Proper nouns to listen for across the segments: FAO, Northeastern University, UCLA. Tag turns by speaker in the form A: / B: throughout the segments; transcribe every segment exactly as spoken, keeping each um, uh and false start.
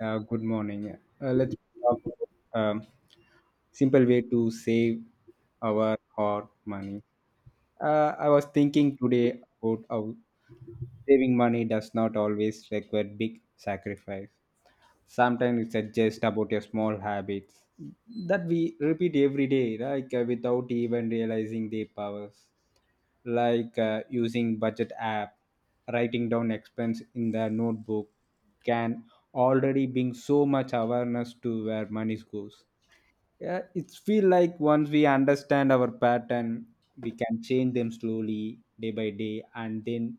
A: Uh, good morning. Uh, let's talk about um, simple way to save our hard money. Uh, I was thinking today about how saving money does not always require big sacrifice. Sometimes it's uh, just about your small habits that we repeat every day, like uh, without even realizing their powers, like uh, using budget app, writing down expense in the notebook can already bring so much awareness to where money goes. Yeah, it's feel like once we understand our pattern, we can change them slowly day by day, and then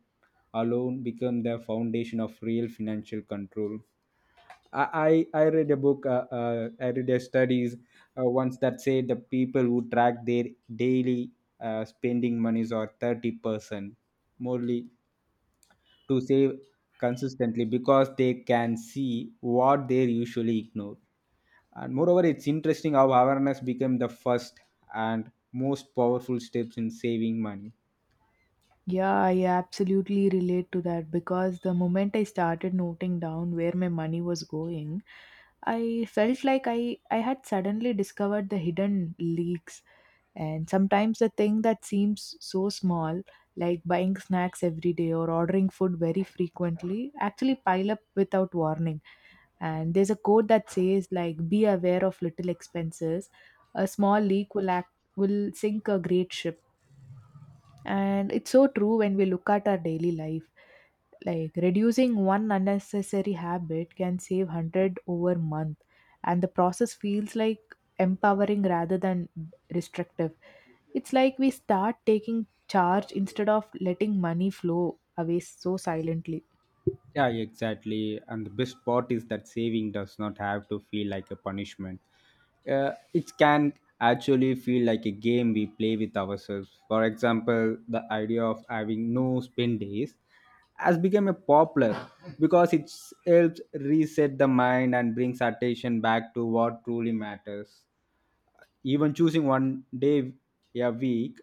A: alone become the foundation of real financial control. I, I I read a book, uh, uh, I read a studies uh, once that said the people who track their daily uh, spending monies are thirty percent morely to save consistently because they can see what they usually ignore. And moreover, it's interesting how awareness became the first and most powerful steps in saving money.
B: Yeah, I absolutely relate to that because the moment I started noting down where my money was going, I felt like I, I had suddenly discovered the hidden leaks. And sometimes the thing that seems so small, like buying snacks every day or ordering food very frequently, actually pile up without warning. And there's a quote that says like be aware of little expenses. A small leak will act will sink a great ship and it's so true when we look at our daily life. Like reducing one unnecessary habit can save one hundred over month and the process feels like empowering rather than restrictive. It's like we start taking charge instead of letting money flow away so silently.
A: Yeah, exactly. And the best part is that saving does not have to feel like a punishment. Uh, it can actually feel like a game we play with ourselves. For example, the idea of having no spend days has become a popular because it helps reset the mind and brings attention back to what truly matters. Even choosing one day a week,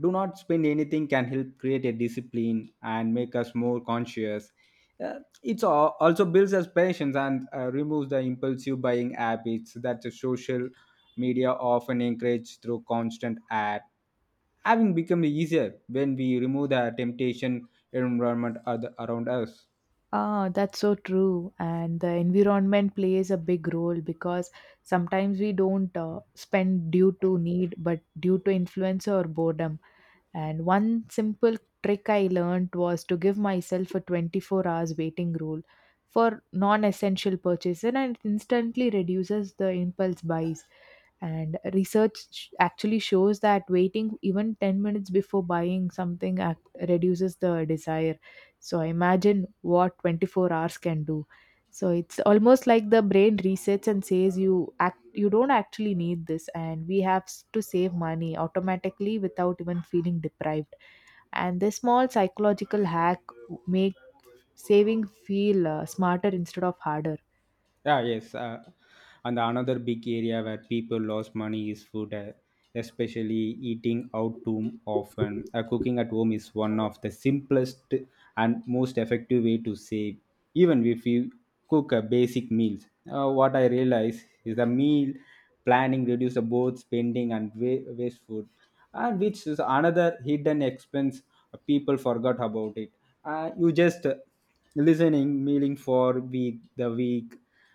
A: do not spend anything can help create a discipline and make us more conscious. Uh, it also builds us patience and uh, removes the impulsive buying habits that the social media often encourage through constant ad. Having become easier when we remove the temptation environment other- around us.
B: Ah, that's so true. And the environment plays a big role because sometimes we don't uh, spend due to need, but due to influence or boredom. And one simple trick I learned was to give myself a twenty-four hours waiting rule for non essential purchases, and it instantly reduces the impulse buys. And research sh- actually shows that waiting even ten minutes before buying something act- reduces the desire. So I imagine what twenty-four hours can do. So it's almost like the brain resets and says you act you don't actually need this and we have s- to save money automatically without even feeling deprived. And this small psychological hack make saving feel uh, smarter instead of harder.
A: Yeah, yes. Uh, and another big area where people lost money is food, uh, especially eating out too often. Uh, cooking at home is one of the simplest and most effective way to save. Even if you cook a basic meals, uh, what I realize is the meal planning reduce the both spending and wa- waste food, and which is another hidden expense. Uh, people forgot about it. Uh, you just uh, Listening mealing for week the week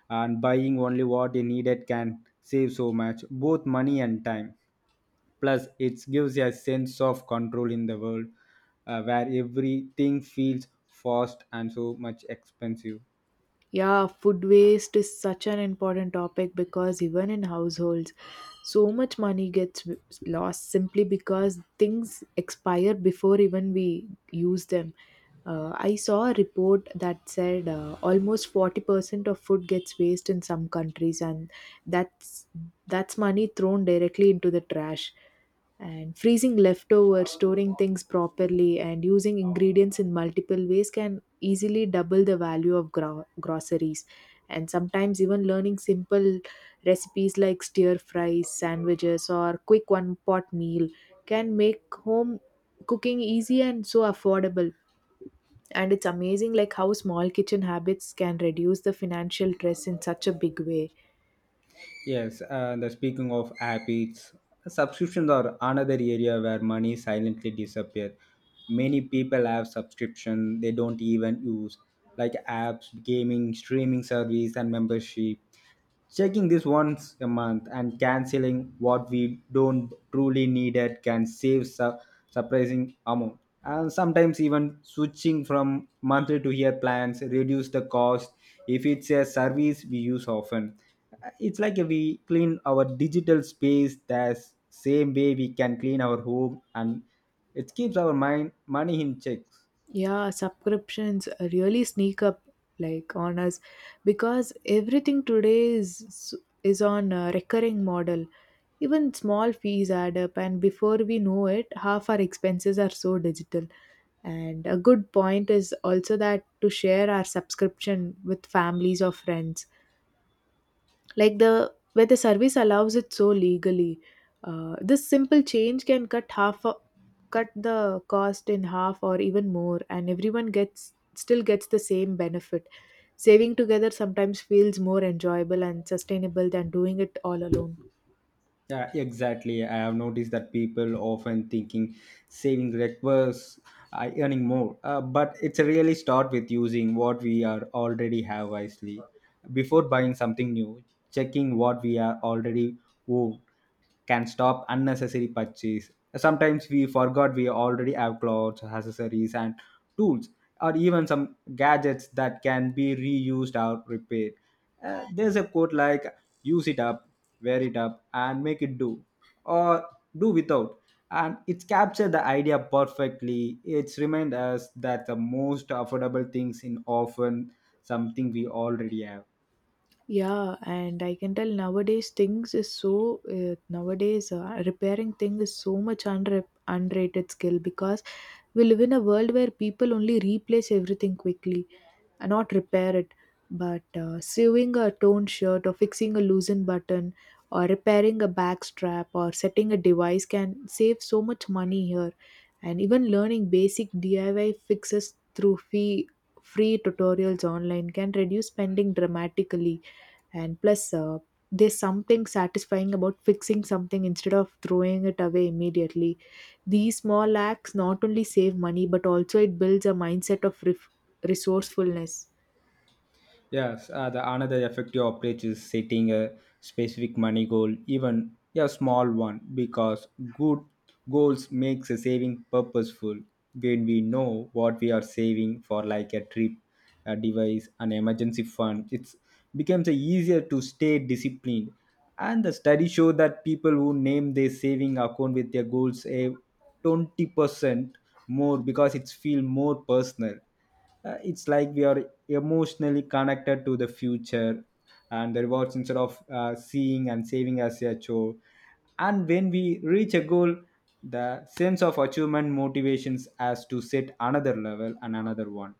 A: and buying only what you needed can save so much both money and time. Plus it gives you a sense of control in the world uh, where everything feels fast and so much expensive.
B: Yeah, food waste is such an important topic because even in households, so much money gets w- lost simply because things expire before even we use them. Uh, I saw a report that said uh, almost forty percent of food gets waste in some countries, and that's that's money thrown directly into the trash. And freezing leftovers, storing things properly, and using ingredients in multiple ways can easily double the value of gro- groceries, and sometimes even learning simple recipes like stir fries, sandwiches, or quick one pot meal can make home cooking easy and so affordable. And it's amazing like how small kitchen habits can reduce the financial stress in such a big way.
A: Yes, and the speaking of habits, subscriptions are another area where money silently disappears. Many people have subscription they don't even use, like apps, gaming, streaming service, and membership. Checking this once a month and canceling what we don't truly need it can save su- surprising amount. And sometimes even switching from monthly to year plans reduce the cost if it's a service we use often. It's like we clean our digital space the same way we can clean our home, and it keeps our mind money in check.
B: Yeah, subscriptions really sneak up like on us because everything today is is on a recurring model. Even small fees add up and before we know it half our expenses are so digital. And a good point is also that to share our subscription with families or friends, like the where the service allows it so legally, uh, this simple change can cut half a, cut the cost in half or even more, and everyone gets still gets the same benefit. Saving together sometimes feels more enjoyable and sustainable than doing it all alone.
A: Yeah, exactly. I have noticed that people often thinking saving requires uh, earning more, uh, but it's a really start with using what we are already have wisely. Before buying something new, checking what we are already own can stop unnecessary purchase. Sometimes we forgot we already have clothes, accessories, and tools, or even some gadgets that can be reused or repaired. Uh, there's a quote like use it up, wear it up, and make it do, or do without. And it's captured the idea perfectly. It's remind us that the most affordable things in often something we already have.
B: Yeah, and I can tell nowadays things is so uh, nowadays uh, repairing thing is so much under unrated skill because we live in a world where people only replace everything quickly, uh, not repair it, but uh, sewing a torn shirt or fixing a loosened button or repairing a back strap or setting a device can save so much money here. And even learning basic D I Y fixes through fee free tutorials online can reduce spending dramatically. And plus uh, there's something satisfying about fixing something instead of throwing it away immediately. These small acts not only save money but also it builds a mindset of ref- resourcefulness.
A: Yes, uh, the another effective approach is setting a specific money goal, even a small one, because good goals makes a saving purposeful. When we know what we are saving for, like a trip, a device, an emergency fund, it becomes a easier to stay disciplined. And the study show that people who name their saving account with their goals save twenty percent more because it's feel more personal. Uh, it's like we are emotionally connected to the future and the rewards instead of uh, seeing and saving as a chore. And when we reach a goal, the sense of achievement motivations as to set another level and another one.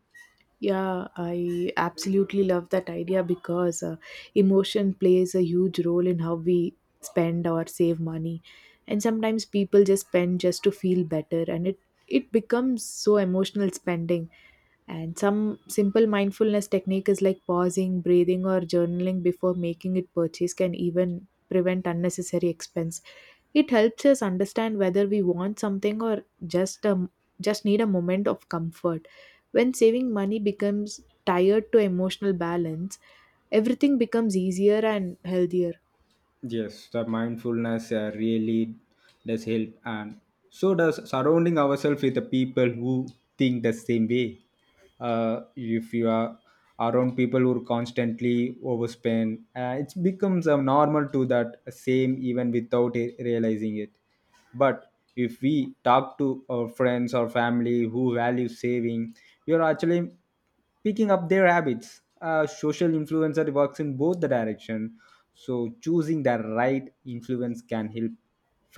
B: Yeah, I absolutely love that idea because uh, emotion plays a huge role in how we spend or save money. And sometimes people just spend just to feel better and it it becomes so emotional spending. And some simple mindfulness technique is like pausing, breathing, or journaling before making it purchase can even prevent unnecessary expense. It helps us understand whether we want something or just um just need a moment of comfort. When saving money becomes tied to emotional balance, everything becomes easier and healthier.
A: Yes, the mindfulness uh, really does help, and so does surrounding ourselves with the people who think the same way. Uh, if you are around people who constantly overspend, uh, it becomes a normal to that same even without it, realizing it. But if we talk to our friends or family who value saving, we are actually picking up their habits. A social influencer works in both the direction, so choosing the right influence can help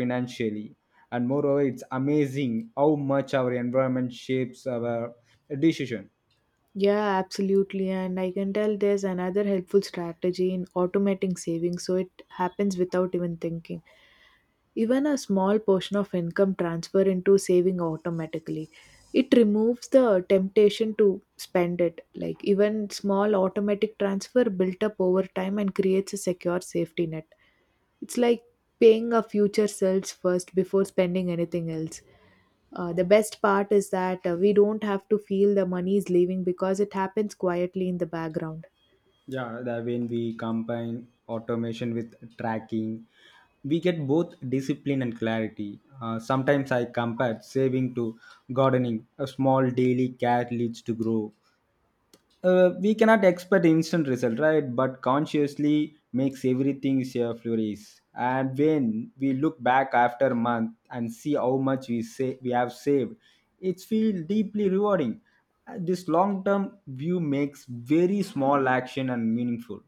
A: financially. And moreover, it's amazing how much our environment shapes our decision.
B: Yeah, absolutely. And I can tell there's another helpful strategy in automating savings, so it happens without even thinking. Even a small portion of income transfer into saving automatically. It removes the temptation to spend it. Like even small automatic transfer built up over time and creates a secure safety net. It's like paying our future selves first before spending anything else. Uh, the best part is that uh, we don't have to feel the money is leaving because it happens quietly in the background.
A: Yeah, that when we combine automation with tracking, we get both discipline and clarity. Uh, sometimes I compare saving to gardening. A small daily care leads to grow. Uh, we cannot expect instant result, right? But consciously makes everything a flourish. And when we look back after a month and see how much we say we have saved, it feels deeply rewarding. Uh, This long-term view makes very small action and meaningful.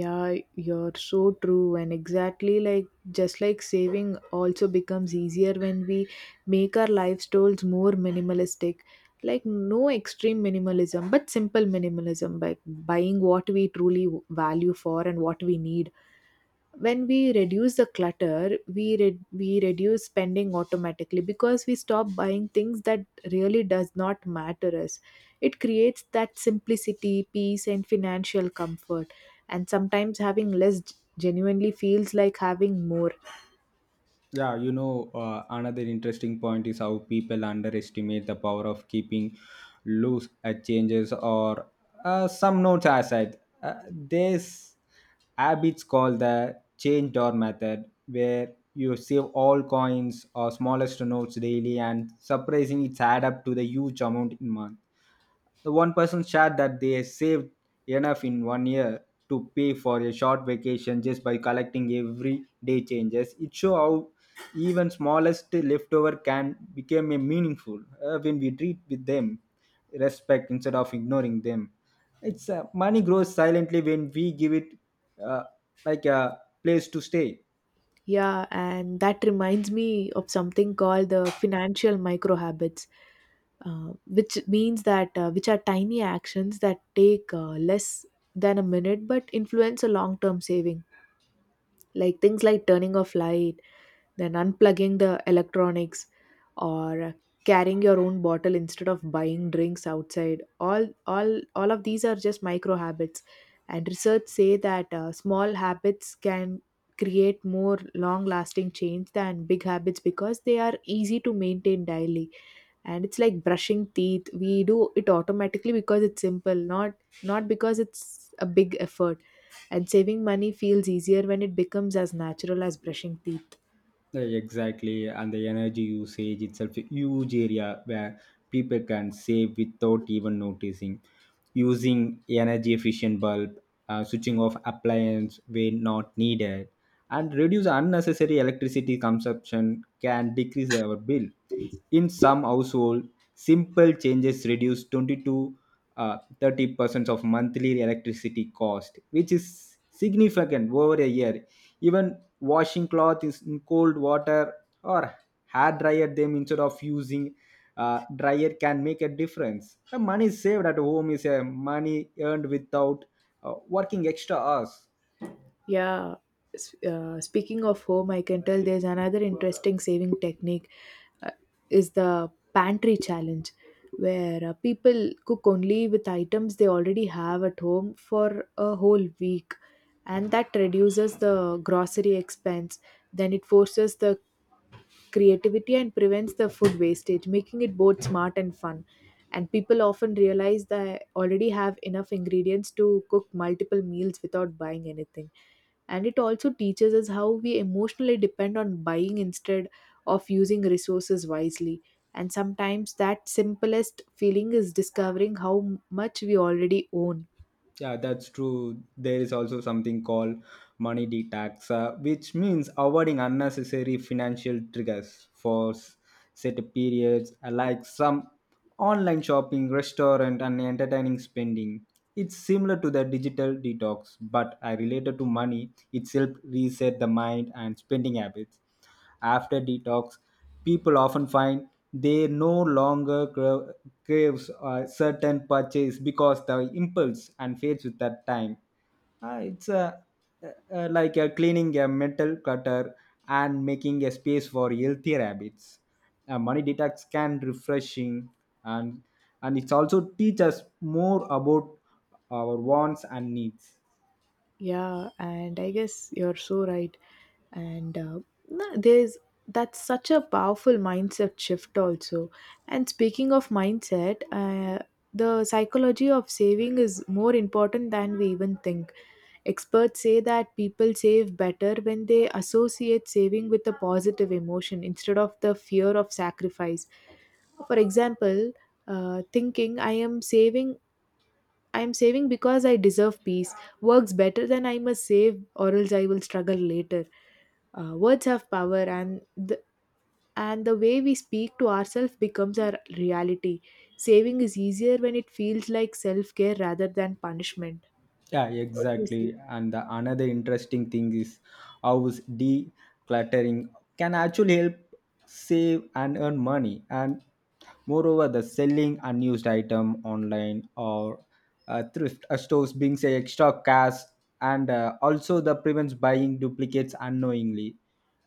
B: Yeah, you're so true. And exactly like just like saving also becomes easier when we make our lifestyles more minimalistic. Like no extreme minimalism, but simple minimalism, like buying what we truly value for and what we need. When we reduce the clutter we re- we reduce spending automatically because we stop buying things that really does not matter us. It creates that simplicity, peace, and financial comfort. And sometimes having less genuinely feels like having more.
A: Yeah, you know, uh, another interesting point is how people underestimate the power of keeping loose at changes or uh, some notes aside. Uh, there's habits called the change door method, where you save all coins or smallest notes daily, and surprisingly, it's add up to the huge amount in month. The one person shared that they saved enough in one year to pay for a short vacation just by collecting everyday changes. It shows how even smallest leftover can become a meaningful uh, when we treat with them respect instead of ignoring them. It's uh, money grows silently when we give it uh, like a place to stay.
B: Yeah, and that reminds me of something called the financial micro habits, uh, which means that uh, which are tiny actions that take uh, less than a minute but influence a long term saving. Like things like turning off light, then unplugging the electronics, or carrying your own bottle instead of buying drinks outside, all all all of these are just micro habits. And research say that uh, small habits can create more long lasting change than big habits because they are easy to maintain daily. And it's like brushing teeth, we do it automatically because it's simple, not not because it's a big effort. And saving money feels easier when it becomes as natural as brushing teeth.
A: Yeah, exactly, and the energy usage itself a huge area where people can save without even noticing. Using energy efficient bulb, uh, switching off appliance when not needed, and reduce unnecessary electricity consumption can decrease our bill. In some household, simple changes reduce twenty to uh, thirty percent of monthly electricity cost, which is significant over a year. Even washing cloth is in cold water or hair dryer them instead of using uh, dryer can make a difference. The money saved at home is a money earned without uh, working extra hours.
B: Yeah. S- uh, speaking of home, I can tell there's another interesting saving technique, uh, is the pantry challenge, where uh, people cook only with items they already have at home for a whole week, and that reduces the grocery expense. Then it forces the creativity and prevents the food wastage, making it both smart and fun. And people often realize they already have enough ingredients to cook multiple meals without buying anything. And it also teaches us how we emotionally depend on buying instead of using resources wisely. And sometimes that simplest feeling is discovering how much we already own.
A: Yeah, that's true. There is also something called money detox, uh, which means avoiding unnecessary financial triggers for s- set periods, uh, like some online shopping, restaurant, and entertaining spending. It's similar to the digital detox, but I related to money. It's help reset the mind and spending habits. After detox, people often find they no longer cra- craves a certain purchase because the impulse and fades with that time. Ah, it's a, uh, uh, like a cleaning a metal clutter and making a space for healthier habits. Uh, money detox can refreshing, and and it's also teach us more about our wants and needs.
B: Yeah, and I guess you're so right. and uh, no, there's That's such a powerful mindset shift also. And speaking of mindset, uh, the psychology of saving is more important than we even think. Experts say that people save better when they associate saving with a positive emotion instead of the fear of sacrifice. For example, uh, thinking i am saving i am saving because I deserve peace works better than I must save or else I will struggle later. Uh, words have power, and the, and the way we speak to ourselves becomes our reality. Saving is easier when it feels like self care rather than punishment.
A: Yeah,
B: What do you say?
A: exactly. And the another interesting thing is how is decluttering can actually help save and earn money. And moreover, the selling unused item online or uh, thrift uh, stores brings a extra cash, and uh, also the prevents buying duplicates unknowingly.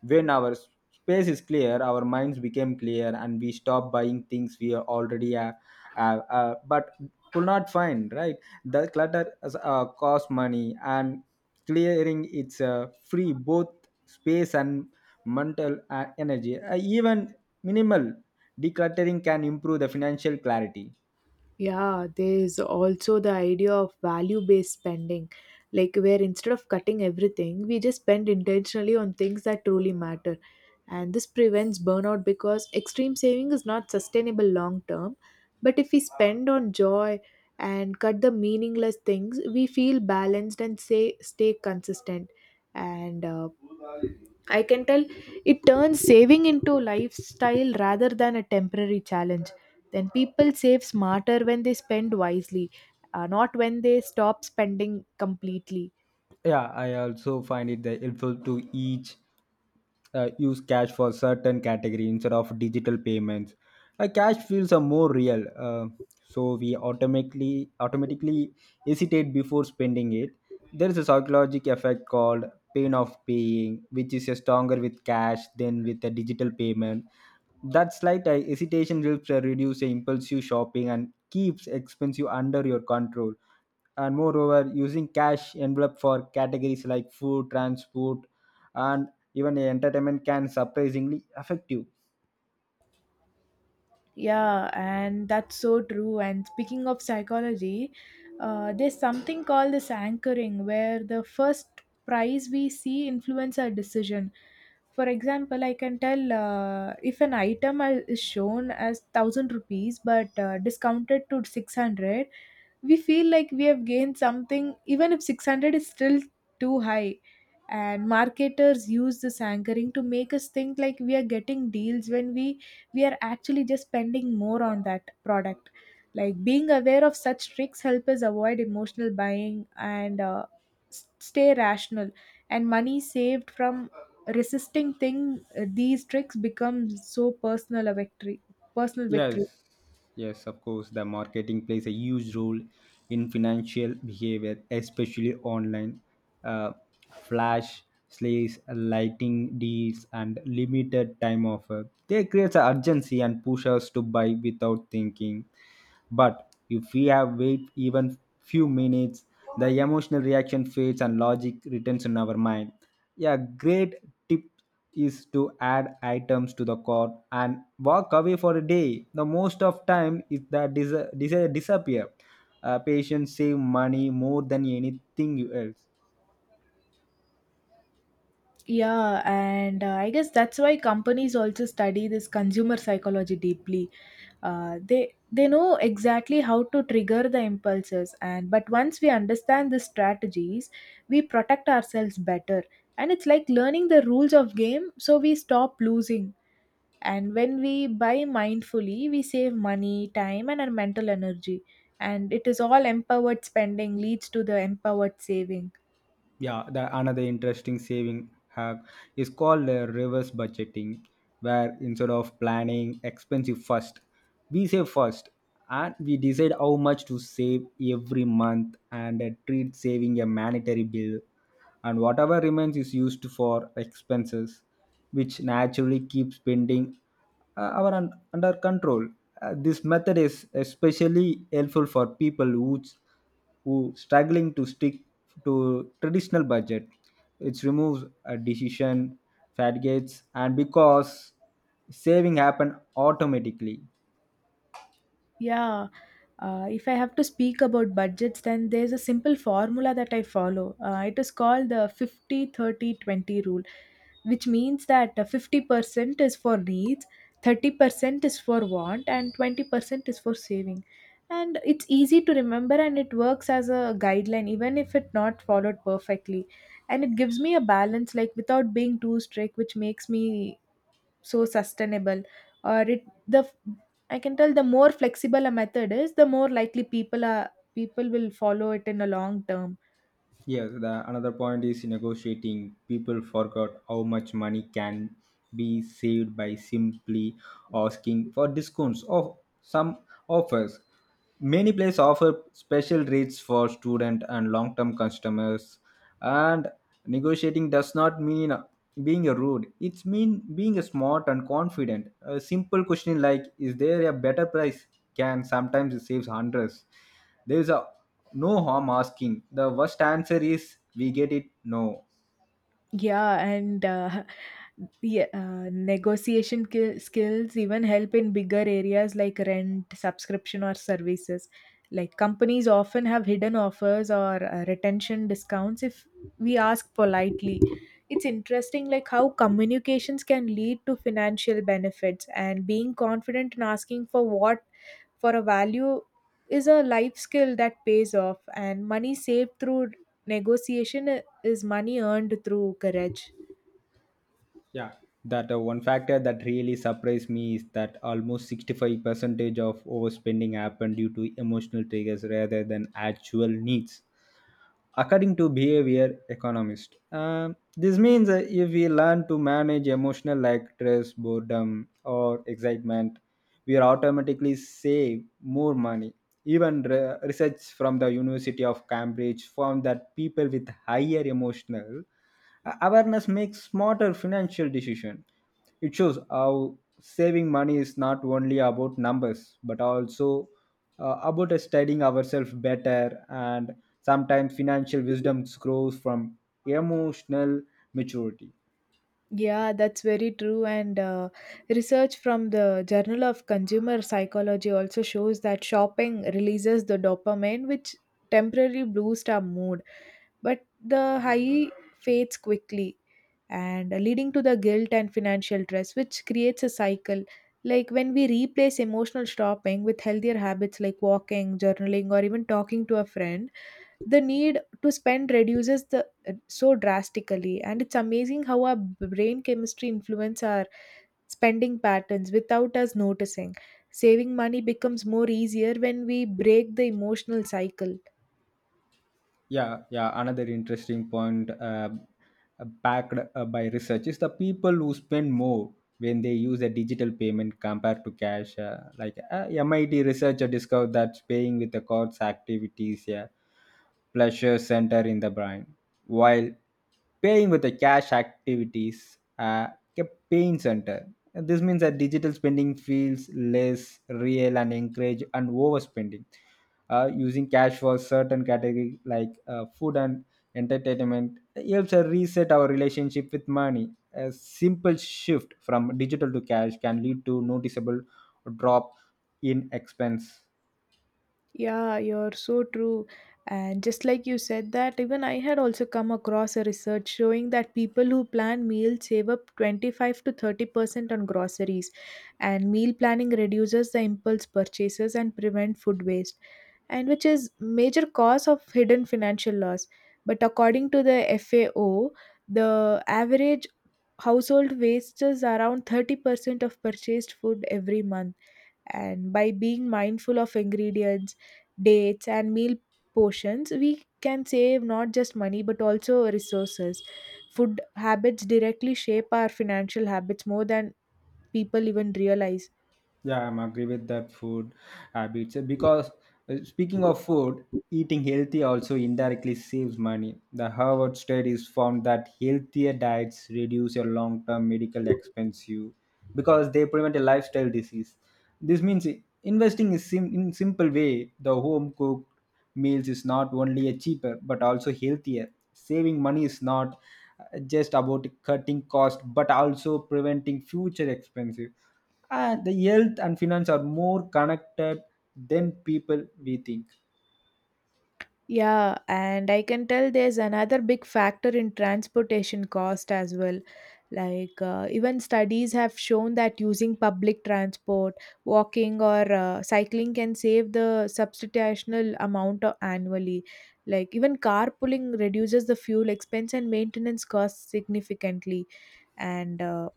A: When our s- space is clear, our minds become clear and we stop buying things we are already uh, uh, uh, but could not find, right? The clutter as- uh, costs money, and clearing it's uh, free both space and mental uh, energy. Uh, even minimal decluttering can improve the financial clarity.
B: Yeah, there's also the idea of value based spending, like where instead of cutting everything, we just spend intentionally on things that truly matter. And this prevents burnout because extreme saving is not sustainable long term. But if we spend on joy and cut the meaningless things, we feel balanced and say, stay consistent. And uh, I can tell it turns saving into lifestyle rather than a temporary challenge. Then people save smarter when they spend wisely, uh, not when they stop spending completely.
A: Yeah, I also find it that helpful to each uh, use cash for certain category instead of digital payments. Uh, cash feels are more real, uh, so we automatically automatically hesitate before spending it. There is a psychological effect called pain of paying, which is uh, stronger with cash than with a digital payment. That slight uh, hesitation helps uh, reduce the impulsive shopping and keeps expenses under your control. And moreover, using cash envelope for categories like food, transport, and even entertainment can surprisingly affect you.
B: Yeah, and that's so true. And speaking of psychology, uh, there's something called this anchoring, where the first prize we see influence our decision. For example, I can tell uh, if an item are- is shown as one thousand rupees but uh, discounted to six hundred, we feel like we have gained something, even if six hundred is still too high. And marketers use this anchoring to make us think like we are getting deals when we we are actually just spending more on that product. Like being aware of such tricks help us avoid emotional buying and uh, s- stay rational. And money saved from resisting thing uh, these tricks become so personal a victory personal victory.
A: Yes, yes, of course. The marketing plays a huge role in financial behavior, especially online. Uh, Flash sales, lighting deals, and limited time offer. They create an urgency and push us to buy without thinking. But if we have wait even few minutes, the emotional reaction fades and logic returns in our mind. A great tip is to add items to the cart and walk away for a day. The most of time is that dis- dis- disappear. Uh, patients save money more than anything else.
B: Yeah, and uh, I guess that's why companies also study this consumer psychology deeply. Uh, they they know exactly how to trigger the impulses, and but once we understand the strategies, we protect ourselves better. And it's like learning the rules of game, so we stop losing. And when we buy mindfully, we save money, time, and our mental energy. And it is all empowered spending leads to the empowered saving.
A: Yeah, the another interesting saving hack is called uh, reverse budgeting, where instead of planning expensive first, we save first and we decide how much to save every month and uh, treat saving a mandatory bill, and whatever remains is used for expenses, which naturally keep spending uh, our un- under control. Uh, this method is especially helpful for people who who struggling to stick to traditional budget. It removes a decision fatigues and because saving happen automatically.
B: Yeah, uh, if I have to speak about budgets, then there's a simple formula that I follow. Uh, it is called the fifty thirty twenty rule, which means that uh, fifty percent is for needs, thirty percent is for want, and twenty percent is for saving. And it's easy to remember and it works as a guideline, even if it not followed perfectly. And it gives me a balance, like without being too strict, which makes me so sustainable or it the f- I can tell the more flexible a method is, the more likely people are people will follow it in a long term.
A: Yes, the another point is negotiating. People forgot how much money can be saved by simply asking for discounts of some offers. Many places offer special rates for student and long-term customers, and negotiating does not mean being rude. It's mean being smart and confident. A simple question like is there a better price can sometimes save hundreds. There is a no harm asking. The worst answer is we get it no.
B: Yeah, and uh, the uh, negotiation ki- skills even help in bigger areas like rent, subscription, or services. Like companies often have hidden offers or uh, retention discounts if we ask politely. It's interesting, like how communications can lead to financial benefits, and being confident in asking for what for a value is a life skill that pays off, and money saved through negotiation i- is money earned through courage.
A: Yeah. That uh, one factor that really surprised me is that almost sixty-five percentage of overspending happened due to emotional triggers rather than actual needs, according to behavior economist. Um, this means that if we learn to manage emotional like stress, boredom or excitement, we are automatically save more money. Even re- research from the University of Cambridge found that people with higher emotional awareness make smarter financial decision. It shows how saving money is not only about numbers, but also uh, about studying ourselves better. And sometimes financial wisdom grows from emotional maturity.
B: Yeah, that's very true. And uh, research from the Journal of Consumer Psychology also shows that shopping releases the dopamine which temporarily boosts our mood, but the high fades quickly and leading to the guilt and financial stress, which creates a cycle. Like when we replace emotional shopping with healthier habits like walking, journaling, or even talking to a friend, the need to spend reduces the so drastically. And it's amazing how our brain chemistry influence our spending patterns without us noticing. Saving money becomes more easier when we break the emotional cycle.
A: yeah yeah another interesting point uh, backed uh, by research is the people who spend more when they use a digital payment compared to cash, uh, like uh, MIT researcher discovered that paying with the cards activities, yeah, pleasure center in the brain, while paying with the cash activities uh, a pain center. And this means that digital spending feels less real and encourage and overspending. Uh, using cash for certain category like uh, food and entertainment helps us reset our relationship with money. A simple shift from digital to cash can lead to noticeable drop in expense.
B: Yeah, you're so true. And just like you said that, even I had also come across a research showing that people who plan meals save up twenty-five to thirty percent on groceries, and meal planning reduces the impulse purchases and prevent food waste, and which is major cause of hidden financial loss. But according to the F A O, the average household wastes around thirty percent of purchased food every month, and by being mindful of ingredients, dates and meal portions, we can save not just money but also resources. Food habits directly shape our financial habits more than people even realize.
A: Yeah, I'm agree with that food habits, uh, because uh, speaking of food, eating healthy also indirectly saves money. The Harvard studies found that healthier diets reduce your long-term medical expense you, because they prevent a lifestyle disease. This means i- investing is sim- in simple way the home cooked meals is not only a cheaper but also healthier. Saving money is not uh, just about cutting cost but also preventing future expenses. And the health and finance are more connected than people we think.
B: Yeah, and I can tell there's another big factor in transportation cost as well. Like, uh, even studies have shown that using public transport, walking, or uh, cycling can save the substantial amount of annually. Like, even carpooling reduces the fuel expense and maintenance costs significantly. And uh,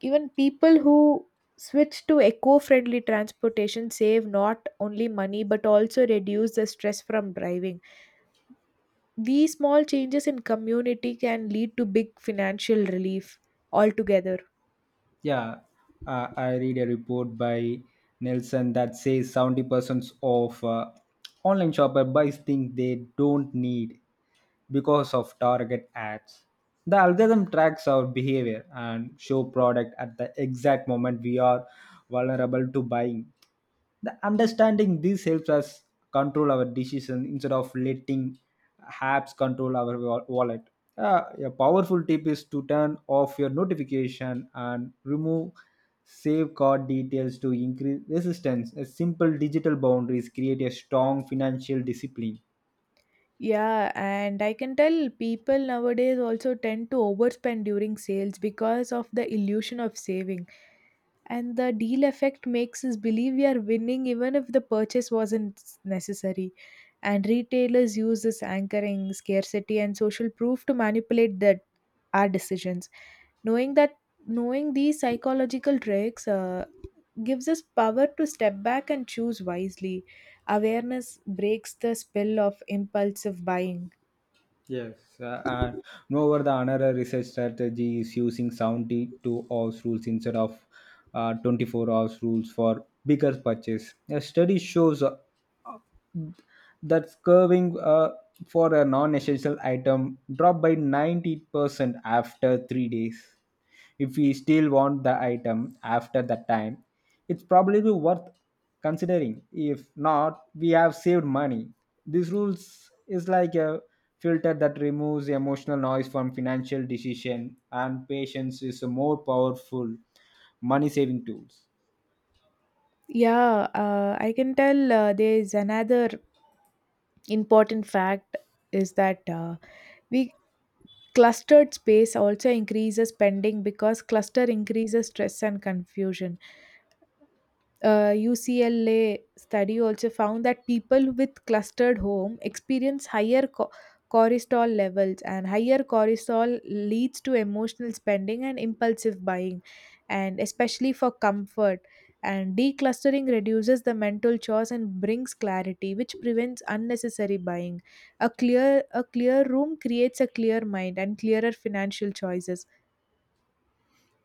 B: even people who switch to eco friendly transportation save not only money but also reduce the stress from driving. These small changes in community can lead to big financial relief altogether.
A: Yeah, uh, I read a report by Nelson that says seventy percent of uh, online shopper buys things they don't need because of target ads. The algorithm tracks our behavior and show product at the exact moment we are vulnerable to buying. The understanding this helps us control our decision instead of letting apps control our wa- wallet. Uh, a powerful tip is to turn off your notification and remove save card details to increase resistance. A simple digital boundaries create a strong financial discipline.
B: Yeah, and I can tell people nowadays also tend to overspend during sales because of the illusion of saving. And the deal effect makes us believe we are winning even if the purchase wasn't necessary. And retailers use this anchoring, scarcity, and social proof to manipulate that our decisions. knowing that Knowing these psychological tricks uh, gives us power to step back and choose wisely. Awareness breaks the spell of impulsive buying.
A: Yes, uh, and moreover, the another research strategy is using seventy-two hours rules instead of uh, twenty-four hours rules for bigger purchase. A study shows uh, uh, that curving uh, for a non-essential item dropped by ninety percent after three days. If we still want the item after that time, it's probably worth considering. If not, we have saved money. These rules is like a filter that removes emotional noise from financial decision, and patience is a more powerful money saving tools.
B: Yeah, uh, I can tell uh, there is another important fact is that uh, we clustered space also increases spending because cluster increases stress and confusion. uh, U C L A study also found that people with clustered home experience higher co- cortisol levels, and higher cortisol leads to emotional spending and impulsive buying, and especially for comfort. And declustering reduces the mental chores and brings clarity, which prevents unnecessary buying. A clear a clear room creates a clear mind and clearer financial choices.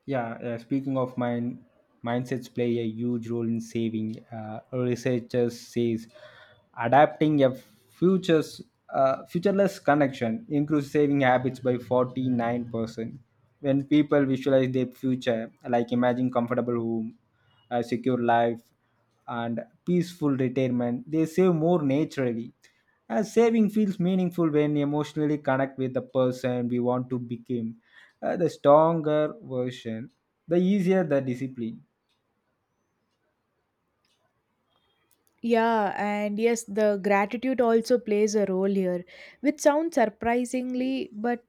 A: Yeah, uh, speaking of mind, mindsets play a huge role in saving. Uh, researchers says adapting a futures uh, futureless connection improves saving habits by forty nine percent. When people visualize their future, like imagine comfortable home, a secure life, and peaceful retirement, they save more naturally. As saving feels meaningful when emotionally connect with the person we want to become. Uh, the stronger version, the easier the discipline.
B: Yeah, and yes, the gratitude also plays a role here, which sounds surprisingly, but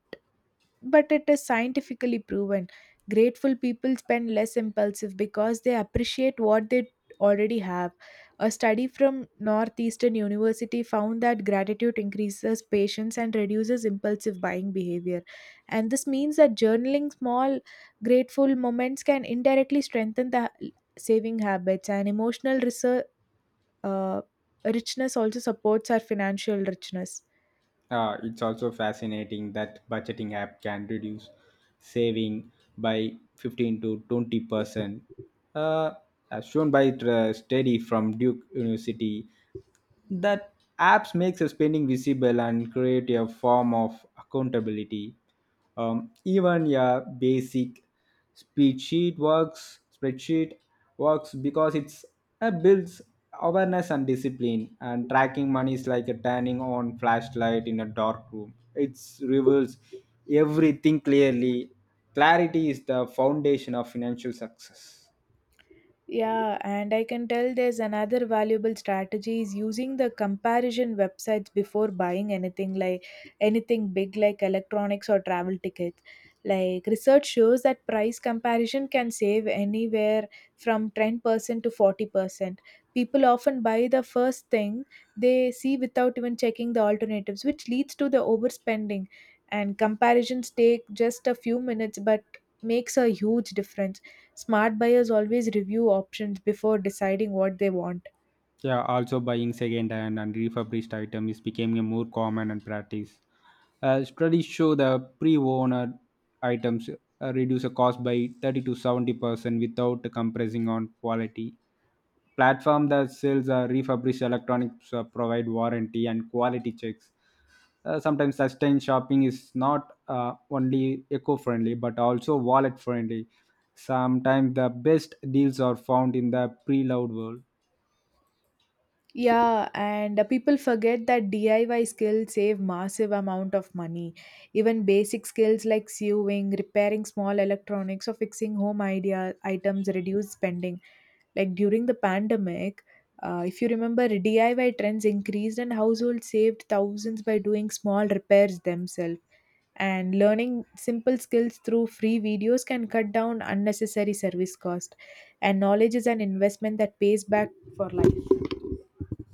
B: but it is scientifically proven. Grateful people spend less impulsive because they appreciate what they already have. A study from Northeastern University found that gratitude increases patience and reduces impulsive buying behavior. And this means that journaling small grateful moments can indirectly strengthen the saving habits, and emotional research uh, richness also supports our financial richness.
A: Uh, it's also fascinating that budgeting app can reduce saving by fifteen to twenty percent, uh, as shown by uh, study from Duke University, that apps makes a spending visible and create a form of accountability. Um, even a basic spreadsheet works spreadsheet works because it's uh, builds awareness and discipline, and tracking money is like a turning on flashlight in a dark room. It reveals everything clearly. Clarity is the foundation of financial success.
B: Yeah, and I can tell there's another valuable strategy is using the comparison websites before buying anything like anything big like electronics or travel tickets. Like research shows that price comparison can save anywhere from ten percent to forty percent. People often buy the first thing they see without even checking the alternatives, which leads to the overspending. And comparisons take just a few minutes but makes a huge difference. Smart buyers always review options before deciding what they want.
A: Yeah, also buying second-hand and refurbished items is becoming more common and practice. Uh, studies show the pre-owned items uh, reduce the cost by thirty to seventy percent without compressing on quality. Platform that sells uh, refurbished electronics uh, provide warranty and quality checks. Uh, sometimes sustained shopping is not uh, only eco-friendly but also wallet-friendly. Sometimes the best deals are found in the pre-loved world.
B: Yeah, and uh, people forget that D I Y skills save massive amount of money. Even basic skills like sewing, repairing small electronics, or fixing home idea items reduce spending. Like during the pandemic, uh, if you remember, D I Y trends increased and households saved thousands by doing small repairs themselves. And learning simple skills through free videos can cut down unnecessary service cost. And knowledge is an investment that pays back for life.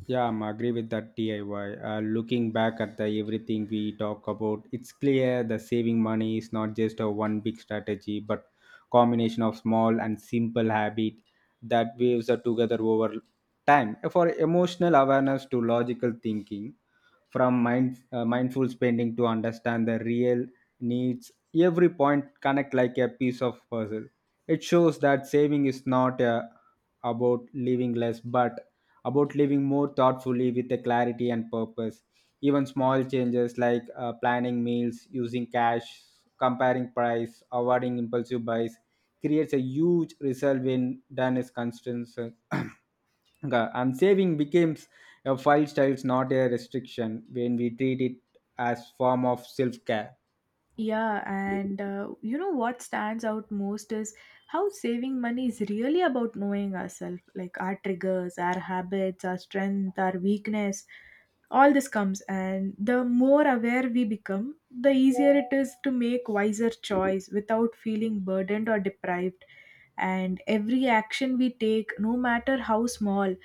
A: Yeah, I'm agree with that D I Y. Uh, looking back at the everything we talk about, it's clear the saving money is not just a one big strategy, but combination of small and simple habit that weaves are together over time. For emotional awareness to logical thinking, from mind, uh, mindful spending to understand the real needs, every point connect like a piece of puzzle. It shows that saving is not uh, about living less but about living more thoughtfully with a clarity and purpose. Even small changes like uh, planning meals, using cash, comparing price, avoiding impulsive buys creates a huge result when done is consistent. Ga- and saving becomes a file styles, not a restriction, when we treat it as form of self-care.
B: Yeah, and uh, you know what stands out most is how saving money is really about knowing ourselves, like our triggers, our habits, our strength, our weakness. All this comes, and the more aware we become, the easier it is to make wiser choice without feeling burdened or deprived. And every action we take, no matter how small,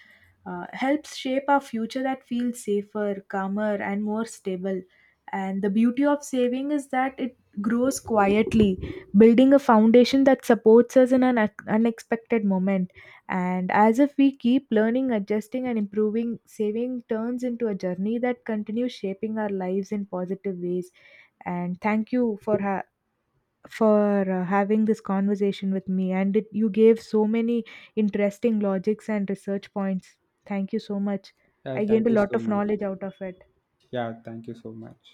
B: uh, helps shape our future that feels safer, calmer, and more stable. And the beauty of saving is that it grows quietly, building a foundation that supports us in an ac- unexpected moment. And as if we keep learning, adjusting, and improving, saving turns into a journey that continues shaping our lives in positive ways. And thank you for ha- for uh, having this conversation with me, and it, you gave so many interesting logics and research points. Thank you so much.
A: Yeah,
B: I
A: thank
B: gained a
A: you
B: lot
A: so
B: of
A: much.
B: knowledge out of it.
A: Yeah, thank you so much.